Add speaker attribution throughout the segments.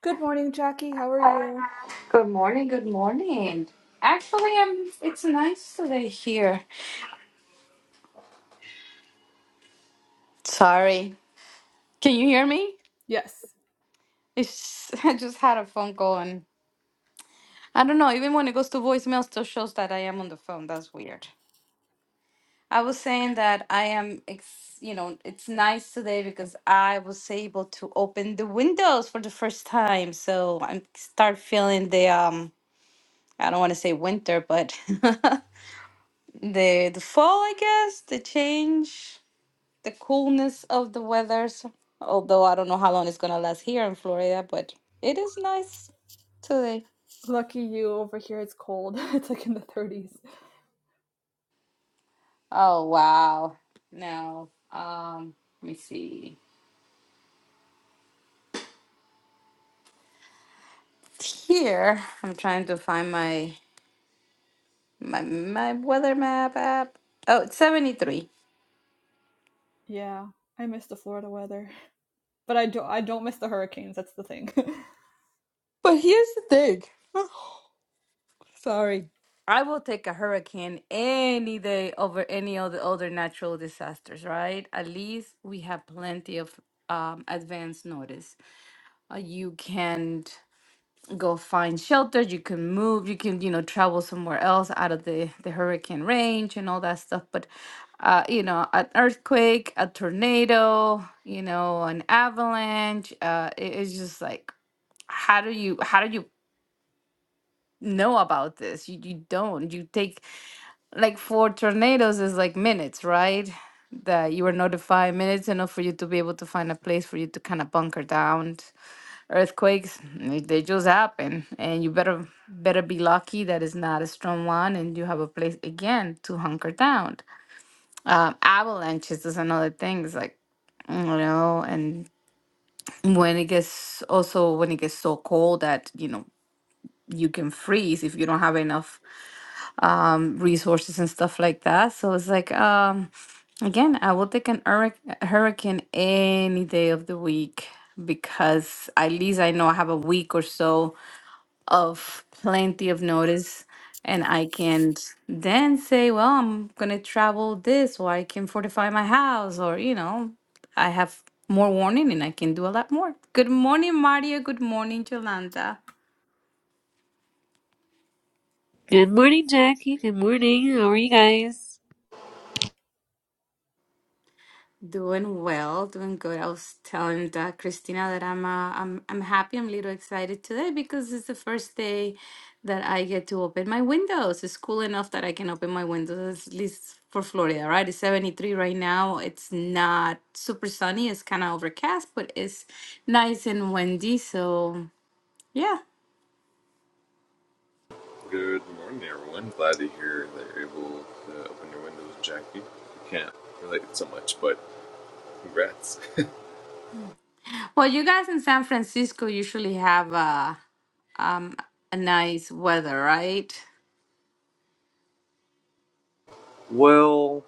Speaker 1: Good morning, Jackie. How are you?
Speaker 2: Good morning, good morning. Actually, I'm it's nice today here. Sorry. Can you hear me?
Speaker 1: Yes.
Speaker 2: It's I just had a phone call and I don't know, even when it goes to voicemail it still shows that I am on the phone. That's weird. I was saying that I am ex- you know, it's nice today because I was able to open the windows for the first time. So I start feeling the um I don't want to say winter, but the the fall, I guess, the change. the coolness of the weathers. Although I don't know how long it's gonna last here in Florida, but it is nice today.
Speaker 1: Lucky you over here. It's cold. It's like in the 30s.
Speaker 2: Oh wow. Now, um, let me see. Here, I'm trying to find my my my weather map app. Oh, it's 73.
Speaker 1: Yeah. I miss the Florida weather. But I don't I don't miss the hurricanes, that's the thing.
Speaker 2: But here's the thing. Sorry. I will take a hurricane any day over any of the other natural disasters, right? At least we have plenty of um, advance notice. uh, you can go find shelter you can move you can you know travel somewhere else out of the the hurricane range and all that stuff but uh you know an earthquake a tornado you know an avalanche uh it- it's just like how do you how do you know about this you, you don't you take like for tornadoes is like minutes right that you are notified minutes enough for you to be able to find a place for you to kind of bunker down earthquakes they they just happen and you better better be lucky that it's not a strong one and you have a place again to hunker down um, avalanches is another thing it's like you know and when it gets also when it gets so cold that you know you can freeze if you don't have enough um, resources and stuff like that so it's like um again i will take an hurric- hurricane any day of the week because at least i know i have a week or so of plenty of notice and I can then say, well, I'm going to travel this or I can fortify my house or, you know, I have more warning and I can do a lot more. Good morning, Mario. Good morning, Jolanda.
Speaker 3: Good morning, Jackie. Good morning. How are you guys?
Speaker 2: Doing well, doing good. I was telling uh, Christina that I'm uh, I'm I'm happy. I'm a little excited today because it's the first day that I get to open my windows. It's cool enough that I can open my windows, at least for Florida, right? It's 73 right now. It's not super sunny. It's kind of overcast, but it's nice and windy. So yeah.
Speaker 4: Good morning, everyone. Glad to hear that you're able to open your windows, Jackie. I can't relate so much, but congrats.
Speaker 2: Well, you guys in San Francisco usually have uh, um, a nice weather, right?
Speaker 4: well,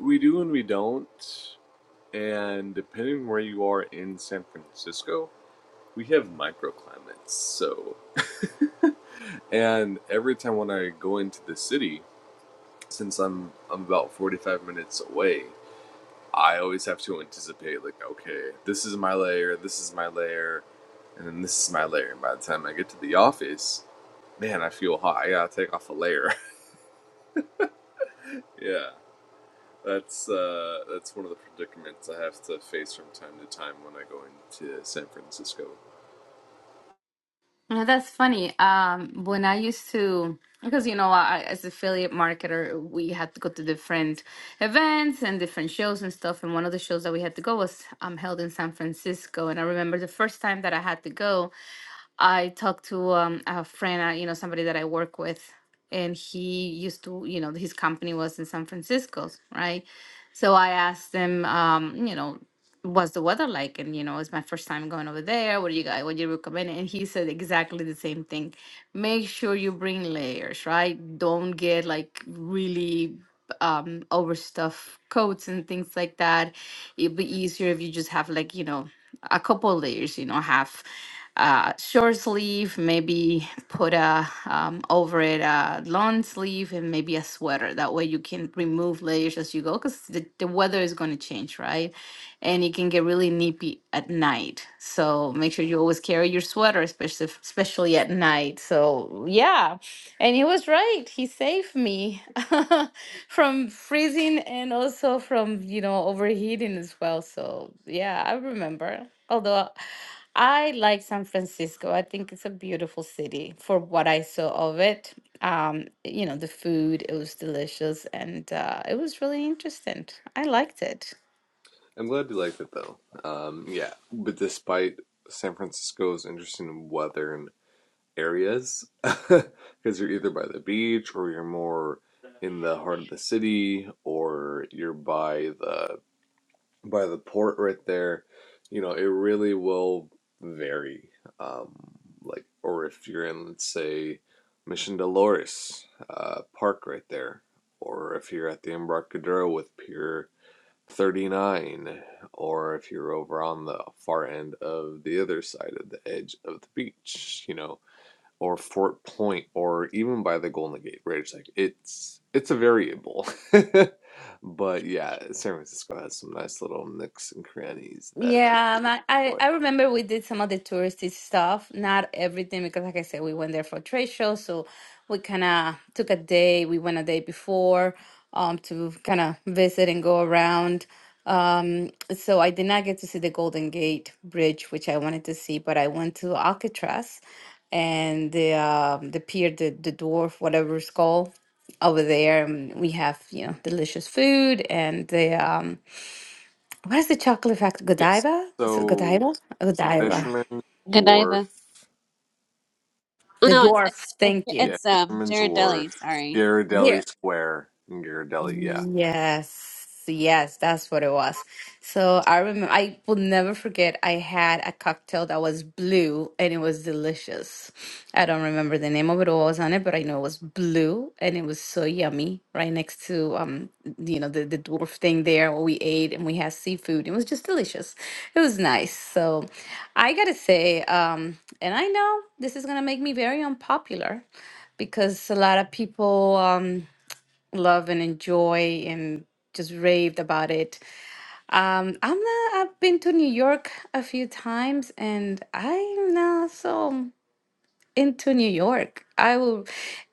Speaker 4: we do and we don't. And depending where you are in San Francisco, we have microclimates. So, and every time when I go into the city, since I'm I'm about 45 minutes away, I always have to anticipate, like, okay, this is my layer, this is my layer, and then this is my layer. And by the time I get to the office, man, I feel hot. I gotta take off a layer. yeah, that's uh, that's one of the predicaments I have to face from time to time when I go into San Francisco.
Speaker 2: No, that's funny. Um, when I used to, because you know, I, as affiliate marketer, we had to go to different events and different shows and stuff. And one of the shows that we had to go was um, held in San Francisco. And I remember the first time that I had to go, I talked to um, a friend, uh, you know, somebody that I work with, and he used to, you know, his company was in San Francisco, right? So I asked him, um, you know, what's the weather like? And you know, it's my first time going over there. What do you guys? What do you recommend? And he said exactly the same thing. Make sure you bring layers, right? Don't get like really um overstuffed coats and things like that it'd be easier if you just have like you know a couple layers, you know, have uh, short sleeve, maybe put a um, over it a long sleeve and maybe a sweater. That way you can remove layers as you go because the, the weather is going to change, right? And it can get really nippy at night. So make sure you always carry your sweater, especially especially at night. So yeah, and he was right. He saved me from freezing and also from, you know, overheating as well. So, yeah, I remember. Although I like San Francisco, I think it's a beautiful city for what I saw of it. Um, you know, the food, it was delicious and uh, it was really interesting. I liked it.
Speaker 4: I'm glad you liked it though. Um, yeah, but despite San Francisco's interesting weather and areas because you're either by the beach or you're more in the heart of the city or you're by the by the port right there you know it really will vary um like or if you're in let's say mission dolores uh park right there or if you're at the embarcadero with pier 39 or if you're over on the far end of the other side of the edge of the beach you know or Fort Point or even by the Golden Gate Bridge. Like it's it's a variable. But yeah, San Francisco has some nice little nicks and crannies that people
Speaker 2: Yeah, um, I, I
Speaker 4: like.
Speaker 2: I remember we did some of the touristy stuff, not everything, because like I said, we went there for trade show, so we kind of took a day. We went a day before, um, to kind of visit and go around. Um, so I did not get to see the Golden Gate Bridge, which I wanted to see, but I went to Alcatraz and the um the pier, the the dwarf, whatever it's called, over there. And we have, you know, delicious food and the um. What is the chocolate factory?
Speaker 4: Yes.
Speaker 2: Godiva? Is it
Speaker 4: So
Speaker 2: Godiva? Godiva.
Speaker 4: Fisherman's
Speaker 3: Godiva.
Speaker 4: Wharf,
Speaker 3: Oh
Speaker 2: The
Speaker 3: no, it's
Speaker 2: dwarf.
Speaker 3: it's,
Speaker 2: Thank you.
Speaker 4: yeah,
Speaker 3: it's um
Speaker 4: Fisherman's
Speaker 3: Ghirardelli.
Speaker 4: Wharf,
Speaker 3: Sorry,
Speaker 2: There.
Speaker 4: Ghirardelli Square, and Ghirardelli, yeah.
Speaker 2: Yes, yes, that's what it was. So I remember, I will never forget, I had a cocktail that was blue and it was delicious. I don't remember the name of it or what was on it, but I know it was blue and it was so yummy right next to, um, you know, the, the dwarf thing there where we ate and we had seafood. It was just delicious. It was nice. So I gotta say, um, and I know this is gonna make me very unpopular because a lot of people, um, love and enjoy and just raved about it. Um, I'm not, I've been to New York a few times and I'm not so into New York. I will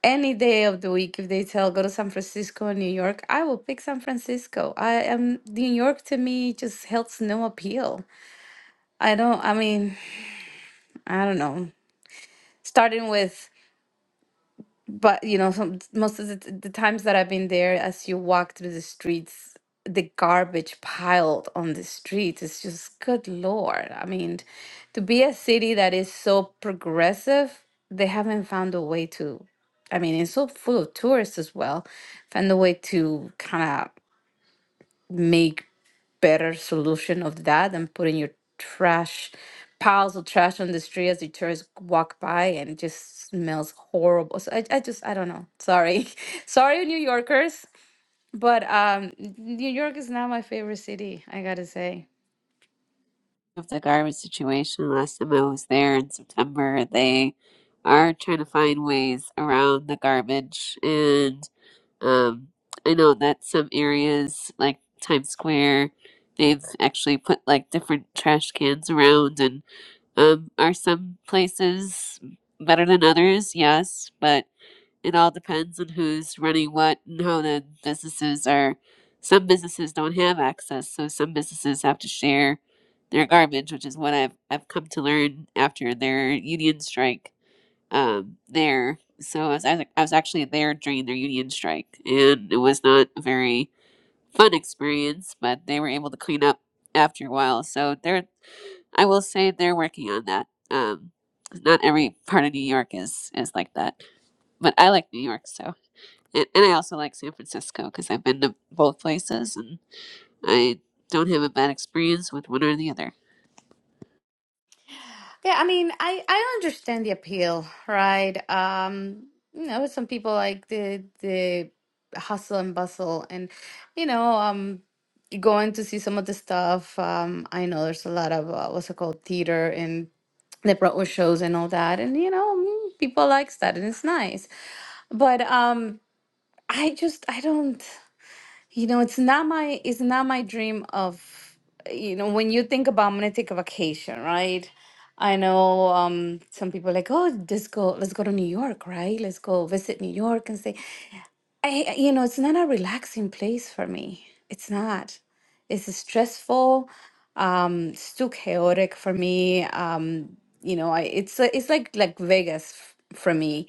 Speaker 2: any day of the week if they tell go to San Francisco or New York, I will pick San Francisco. I am New York to me just helps no appeal. I don't I mean, I don't know. Starting with But you know, some most of the, the times that I've been there, as you walk through the streets, the garbage piled on the streets is just good Lord. I mean, to be a city that is so progressive, they haven't found a way to. I mean, it's so full of tourists as well, found a way to kind of make better solution of that than putting your trash piles of trash on the street as the tourists walk by and it just smells horrible. So I, I just I don't know. Sorry. Sorry, New Yorkers. But um New York is not my favorite city, I gotta say.
Speaker 3: of the garbage situation. Last time I was there in September, they are trying to find ways around the garbage, and um, I know that some areas like Times Square, they've actually put like different trash cans around, and um, are some places better than others? Yes, but. It all depends on who's running what and how the businesses are. Some businesses don't have access, so some businesses have to share their garbage, which is what I've I've come to learn after their union strike. Um, there, so I was I was I was actually there during their union strike, and it was not a very fun experience, but they were able to clean up after a while. So they're I will say they're working on that. Um, 'cause not every part of New York is is like that, but I like New York, so. And, and I also like San Francisco because I've been to both places and I don't have a bad experience with one or the other.
Speaker 2: Yeah, I mean I, I understand the appeal, right? Um you know, some people like the the hustle and bustle and you know, um going to see some of the stuff. Um, I know there's a lot of uh, what's it called theater and the Broadway shows and all that, and you know mm, people likes that and it's nice. But um, I just I don't you know it's not my it's not my dream of you know when you think about I'm gonna take a vacation, right? I know um, some people are like, oh, just go, let's go to New York, right? Let's go visit New York and say, I, you know, it's not a relaxing place for me. It's not. It's stressful. Um, it's too chaotic for me. Um, you know, I it's a- it's like like Vegas f- for me.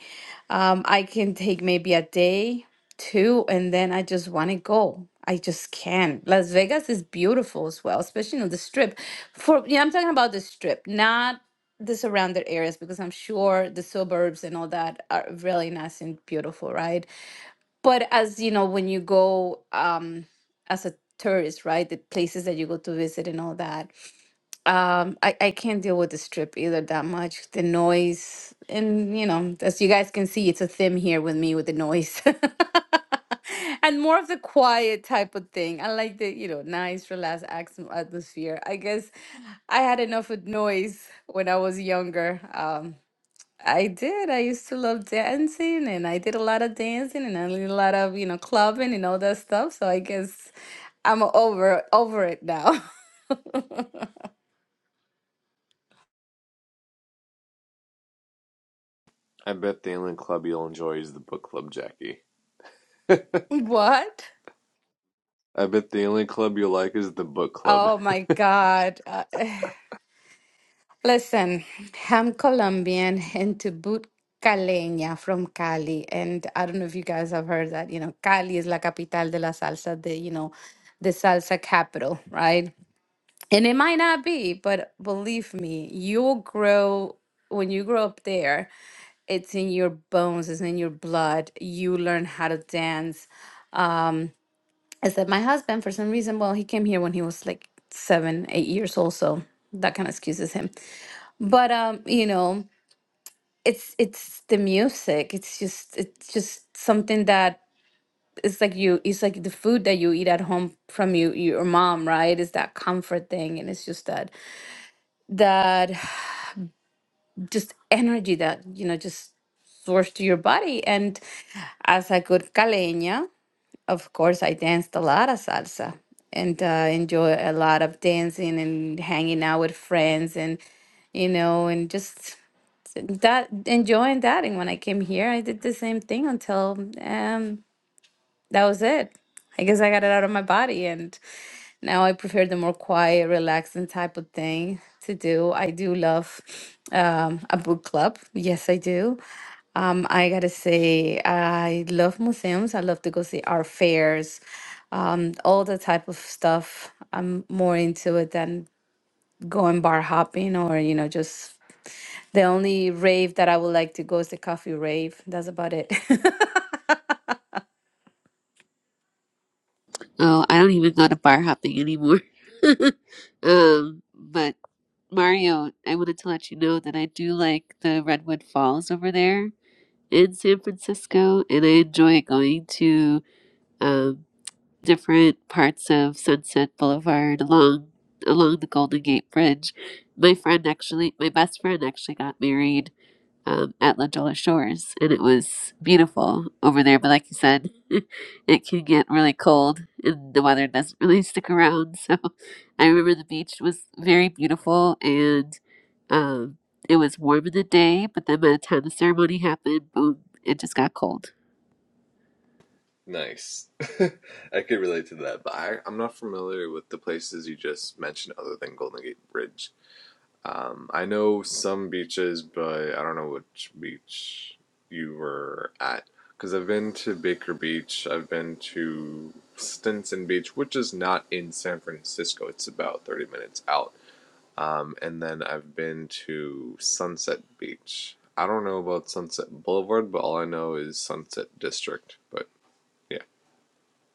Speaker 2: Um, I can take maybe a day, two, and then I just want to go. I just can't. Las Vegas is beautiful as well, especially on the strip. For yeah, I'm talking about the strip, not the surrounded areas, because I'm sure the suburbs and all that are really nice and beautiful, right? But as you know, when you go um, as a tourist, right, the places that you go to visit and all that, um, I, I can't deal with the strip either that much. The noise, and you know, as you guys can see, it's a theme here with me with the noise. And more of the quiet type of thing. I like the, you know, nice, relaxed axm- atmosphere. I guess I had enough with noise when I was younger. Um, I did. I used to love dancing and I did a lot of dancing and I did a lot of, you know, clubbing and all that stuff. So I guess I'm over over it now.
Speaker 4: I bet the only club you'll enjoy is the book club, Jackie.
Speaker 2: What?
Speaker 4: I bet the only club you'll like is the book club.
Speaker 2: Oh my God. Uh, listen, I'm Colombian and to boot caleña from Cali. And I don't know if you guys have heard that, you know, Cali is la capital de la salsa, the, you know, the salsa capital, right? And it might not be, but believe me, you'll grow when you grow up there. It's in your bones, it's in your blood. You learn how to dance. Except my husband, for some reason, well, he came here when he was like seven, eight years old, so that kind of excuses him. But um, you know, it's it's the music. It's just it's just something that it's like you it's like the food that you eat at home from you your mom, right? It's that comfort thing and it's just that that just energy that you know just source to your body and as a good caleña of course i danced a lot of salsa and uh, enjoy a lot of dancing and hanging out with friends and you know and just that enjoying that and when i came here i did the same thing until um that was it i guess i got it out of my body and now I prefer the more quiet, relaxing type of thing to do. I do love um, a book club. Yes, I do. Um, I gotta say, I love museums. I love to go see art fairs, um, all the type of stuff. I'm more into it than going bar hopping or, you know, just the only rave that I would like to go is the coffee rave. That's about it.
Speaker 3: Oh, I don't even go to bar hopping anymore. um, but Mario, I wanted to let you know that I do like the Redwood Falls over there in San Francisco, and I enjoy going to um, different parts of Sunset Boulevard along along the Golden Gate Bridge. My friend actually, my best friend actually got married um, at La Jolla Shores, and it was beautiful over there. But like you said, it can get really cold, and the weather doesn't really stick around. So I remember the beach was very beautiful, and um, it was warm in the day. But then by the time the ceremony happened, boom, it just got cold.
Speaker 4: Nice. I could relate to that, but I, I'm not familiar with the places you just mentioned other than Golden Gate Bridge. Um, I know some beaches, but I don't know which beach you were at. Because I've been to Baker Beach, I've been to Stinson Beach, which is not in San Francisco, it's about 30 minutes out. Um, and then I've been to Sunset Beach. I don't know about Sunset Boulevard, but all I know is Sunset District. But yeah.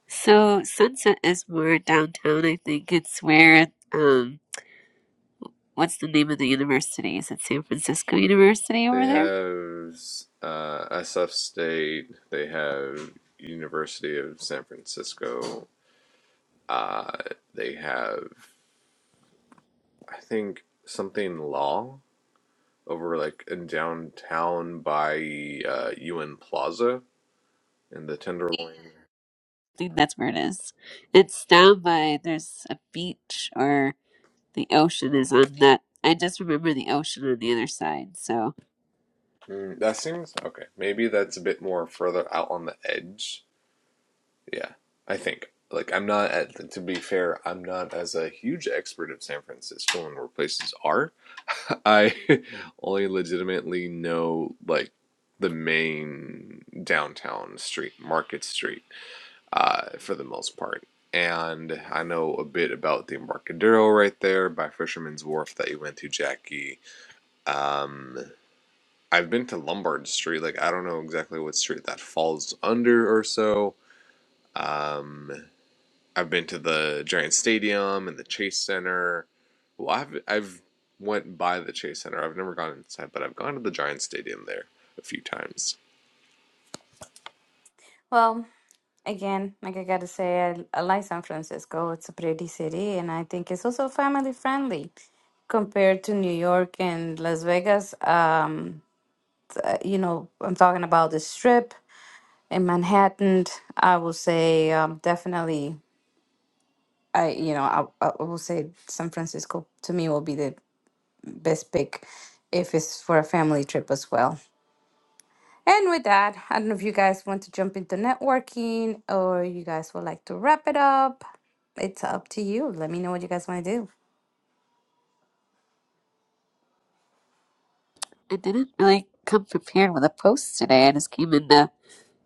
Speaker 3: So Sunset is more downtown. I think it's where um, what's the name of the university? Is it San Francisco University
Speaker 4: They
Speaker 3: over there?
Speaker 4: have uh, SF State. They have University of San Francisco. Uh, they have, I think, something law over like in downtown by uh, UN Plaza in the Tenderloin.
Speaker 3: think that's where it is. It's down by there's a beach or the ocean is on that. I just remember the ocean on the other side. So
Speaker 4: Mm, that seems okay. Maybe that's a bit more further out on the edge. Yeah, I think. Like, I'm not, at, to be fair, I'm not as a huge expert of San Francisco and where places are I only legitimately know like the main downtown street, Market Street, uh, for the most part. And I know a bit about the Embarcadero right there by Fisherman's Wharf that you went to, Jackie. Um, I've been to Lombard Street. Like, I don't know exactly what street that falls under or so. Um, I've been to the Giant Stadium and the Chase Center. Well, I've I've went by the Chase Center. I've never gone inside, but I've gone to the Giant Stadium there a few times.
Speaker 2: well, Again, like I gotta say, I, I like San Francisco. It's a pretty city, and I think it's also family friendly compared to New York and Las Vegas. Um, uh, you know, I'm talking about the Strip in Manhattan. I will say um, definitely. I you know I I will say San Francisco to me will be the best pick if it's for a family trip as well. And with that, I don't know if you guys want to jump into networking or you guys would like to wrap it up. It's up to you. Let me know what you guys want to do.
Speaker 3: I didn't really come prepared with a post today. I just came in to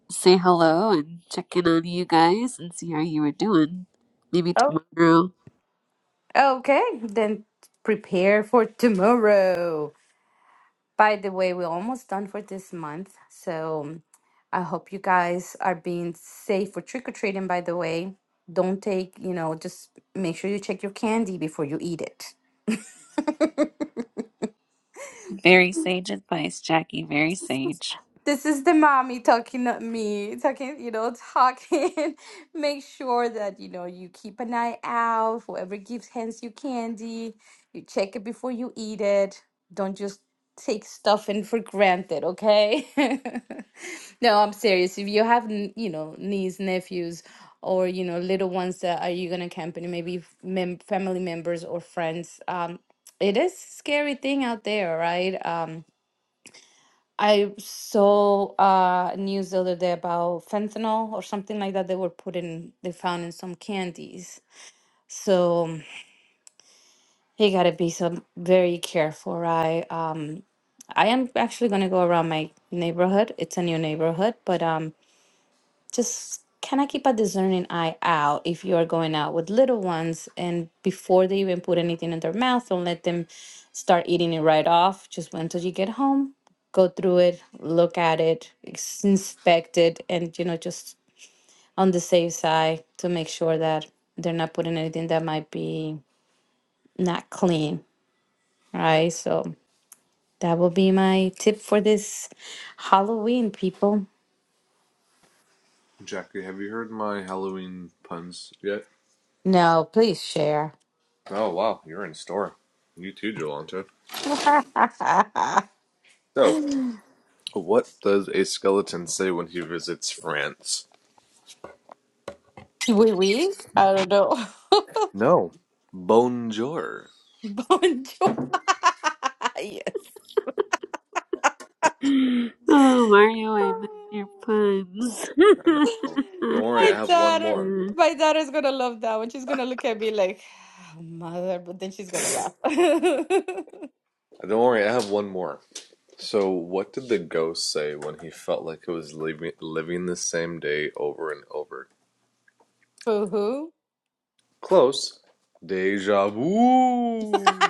Speaker 3: say hello and check in on you guys and see how you were doing. Maybe
Speaker 2: Oh,
Speaker 3: tomorrow.
Speaker 2: Okay, then prepare for tomorrow. By the way, we're almost done for this month. So I hope you guys are being safe for trick or treating, by the way. Don't take, you know, just make sure you check your candy before you eat it.
Speaker 3: Very sage advice, Jackie. Very sage.
Speaker 2: this is the mommy talking to me talking you know talking make sure that you know you keep an eye out whoever gives hands you candy you check it before you eat it don't just take stuff in for granted okay no i'm serious if you have n- you know niece nephews or you know little ones that are you gonna accompany maybe f- mem- family members or friends um it is scary thing out there right Um. I saw uh, news the other day about fentanyl or something like that. They were put in, they found in some candies. So you gotta be some very careful, right? Um, I am actually gonna go around my neighborhood. It's a new neighborhood, but um, just kind of keep a discerning eye out if you are going out with little ones and before they even put anything in their mouth, don't let them start eating it right off. Just wait until you get home, go through it, look at it, ex- inspect it, and you know, just on the safe side to make sure that they're not putting anything that might be not clean, right? So that will be my tip for this Halloween, people.
Speaker 4: Jackie, have you heard my Halloween puns yet?
Speaker 2: No, please share.
Speaker 4: Oh wow, you're in store. You too, Jolanta. So, what does a skeleton say when he visits France?
Speaker 2: Wee wees? I don't know.
Speaker 4: No, bonjour.
Speaker 2: Bonjour. yes.
Speaker 3: Oh, Mario, I miss your puns.
Speaker 4: Don't worry,
Speaker 2: My
Speaker 4: I have one
Speaker 2: daughter,
Speaker 4: more.
Speaker 2: my daughter's gonna love that one. She's gonna look at me like, "Ah, mother, but then she's gonna laugh.
Speaker 4: Don't worry, I have one more. So, what did the ghost say when he felt like it was living, living the same day over and over?
Speaker 2: Boo hoo.
Speaker 4: Close. Deja vu.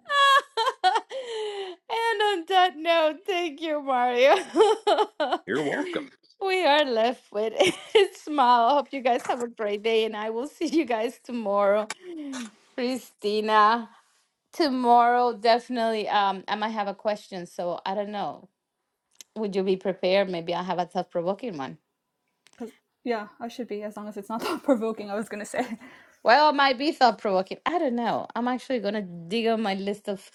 Speaker 2: and on that note, thank you, Mario.
Speaker 4: You're welcome.
Speaker 2: we are left with a smile. Hope you guys have a great day, and I will see you guys tomorrow. Christina. Tomorrow, definitely. Um, I might have a question, so I don't know. Would you be prepared? Maybe I have a thought provoking one.
Speaker 1: 'Cause, yeah, I should be as long as it's not thought provoking, I was going to say.
Speaker 2: Well, it might be thought provoking. I don't know. I'm actually gonna dig on my list of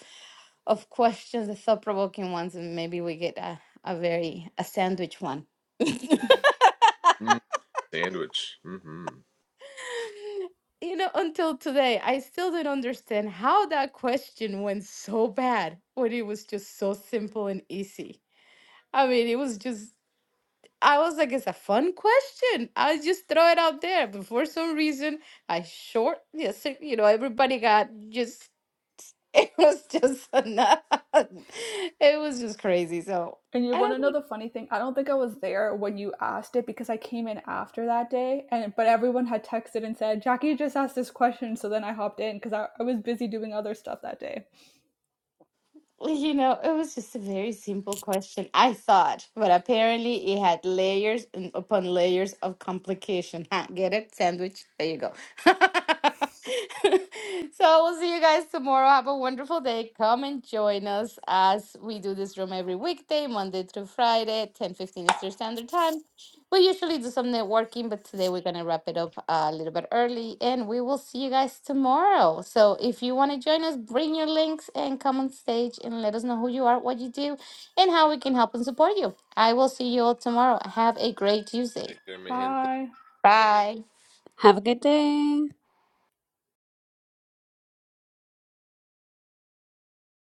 Speaker 2: of questions, the thought provoking ones, and maybe we get a, a very a sandwich one. you
Speaker 4: Mm, sandwich. Mm-hmm.
Speaker 2: know, until today, I still don't understand how that question went so bad when it was just so simple and easy. I mean, it was just I was like, it's a fun question. I just throw it out there. But for some reason, I short, yes, you know, everybody got just, it was just, enough. it was just crazy. So
Speaker 1: And you
Speaker 2: I
Speaker 1: want
Speaker 2: don't
Speaker 1: to
Speaker 2: know.
Speaker 1: know the funny thing? I don't think I was there when you asked it because I came in after that day, and but everyone had texted and said Jackie just asked this question, so then I hopped in because I, I was busy doing other stuff that day.
Speaker 2: Well, You know, it was just a very simple question, I thought, but apparently it had layers and upon layers of complication. Huh, get it? Sandwich? There you go. so we'll see you guys tomorrow. Have a wonderful day. Come and join us as we do this room every weekday, Monday through Friday, ten fifteen Eastern Standard Time. We usually do some networking, but today we're going to wrap it up uh, a little bit early and we will see you guys tomorrow. So if you want to join us, bring your links and come on stage and let us know who you are, what you do, and how we can help and support you. I will see you all tomorrow. Have a great Tuesday.
Speaker 4: Take care, mi gente.
Speaker 1: Bye.
Speaker 2: Bye.
Speaker 3: Have a good day.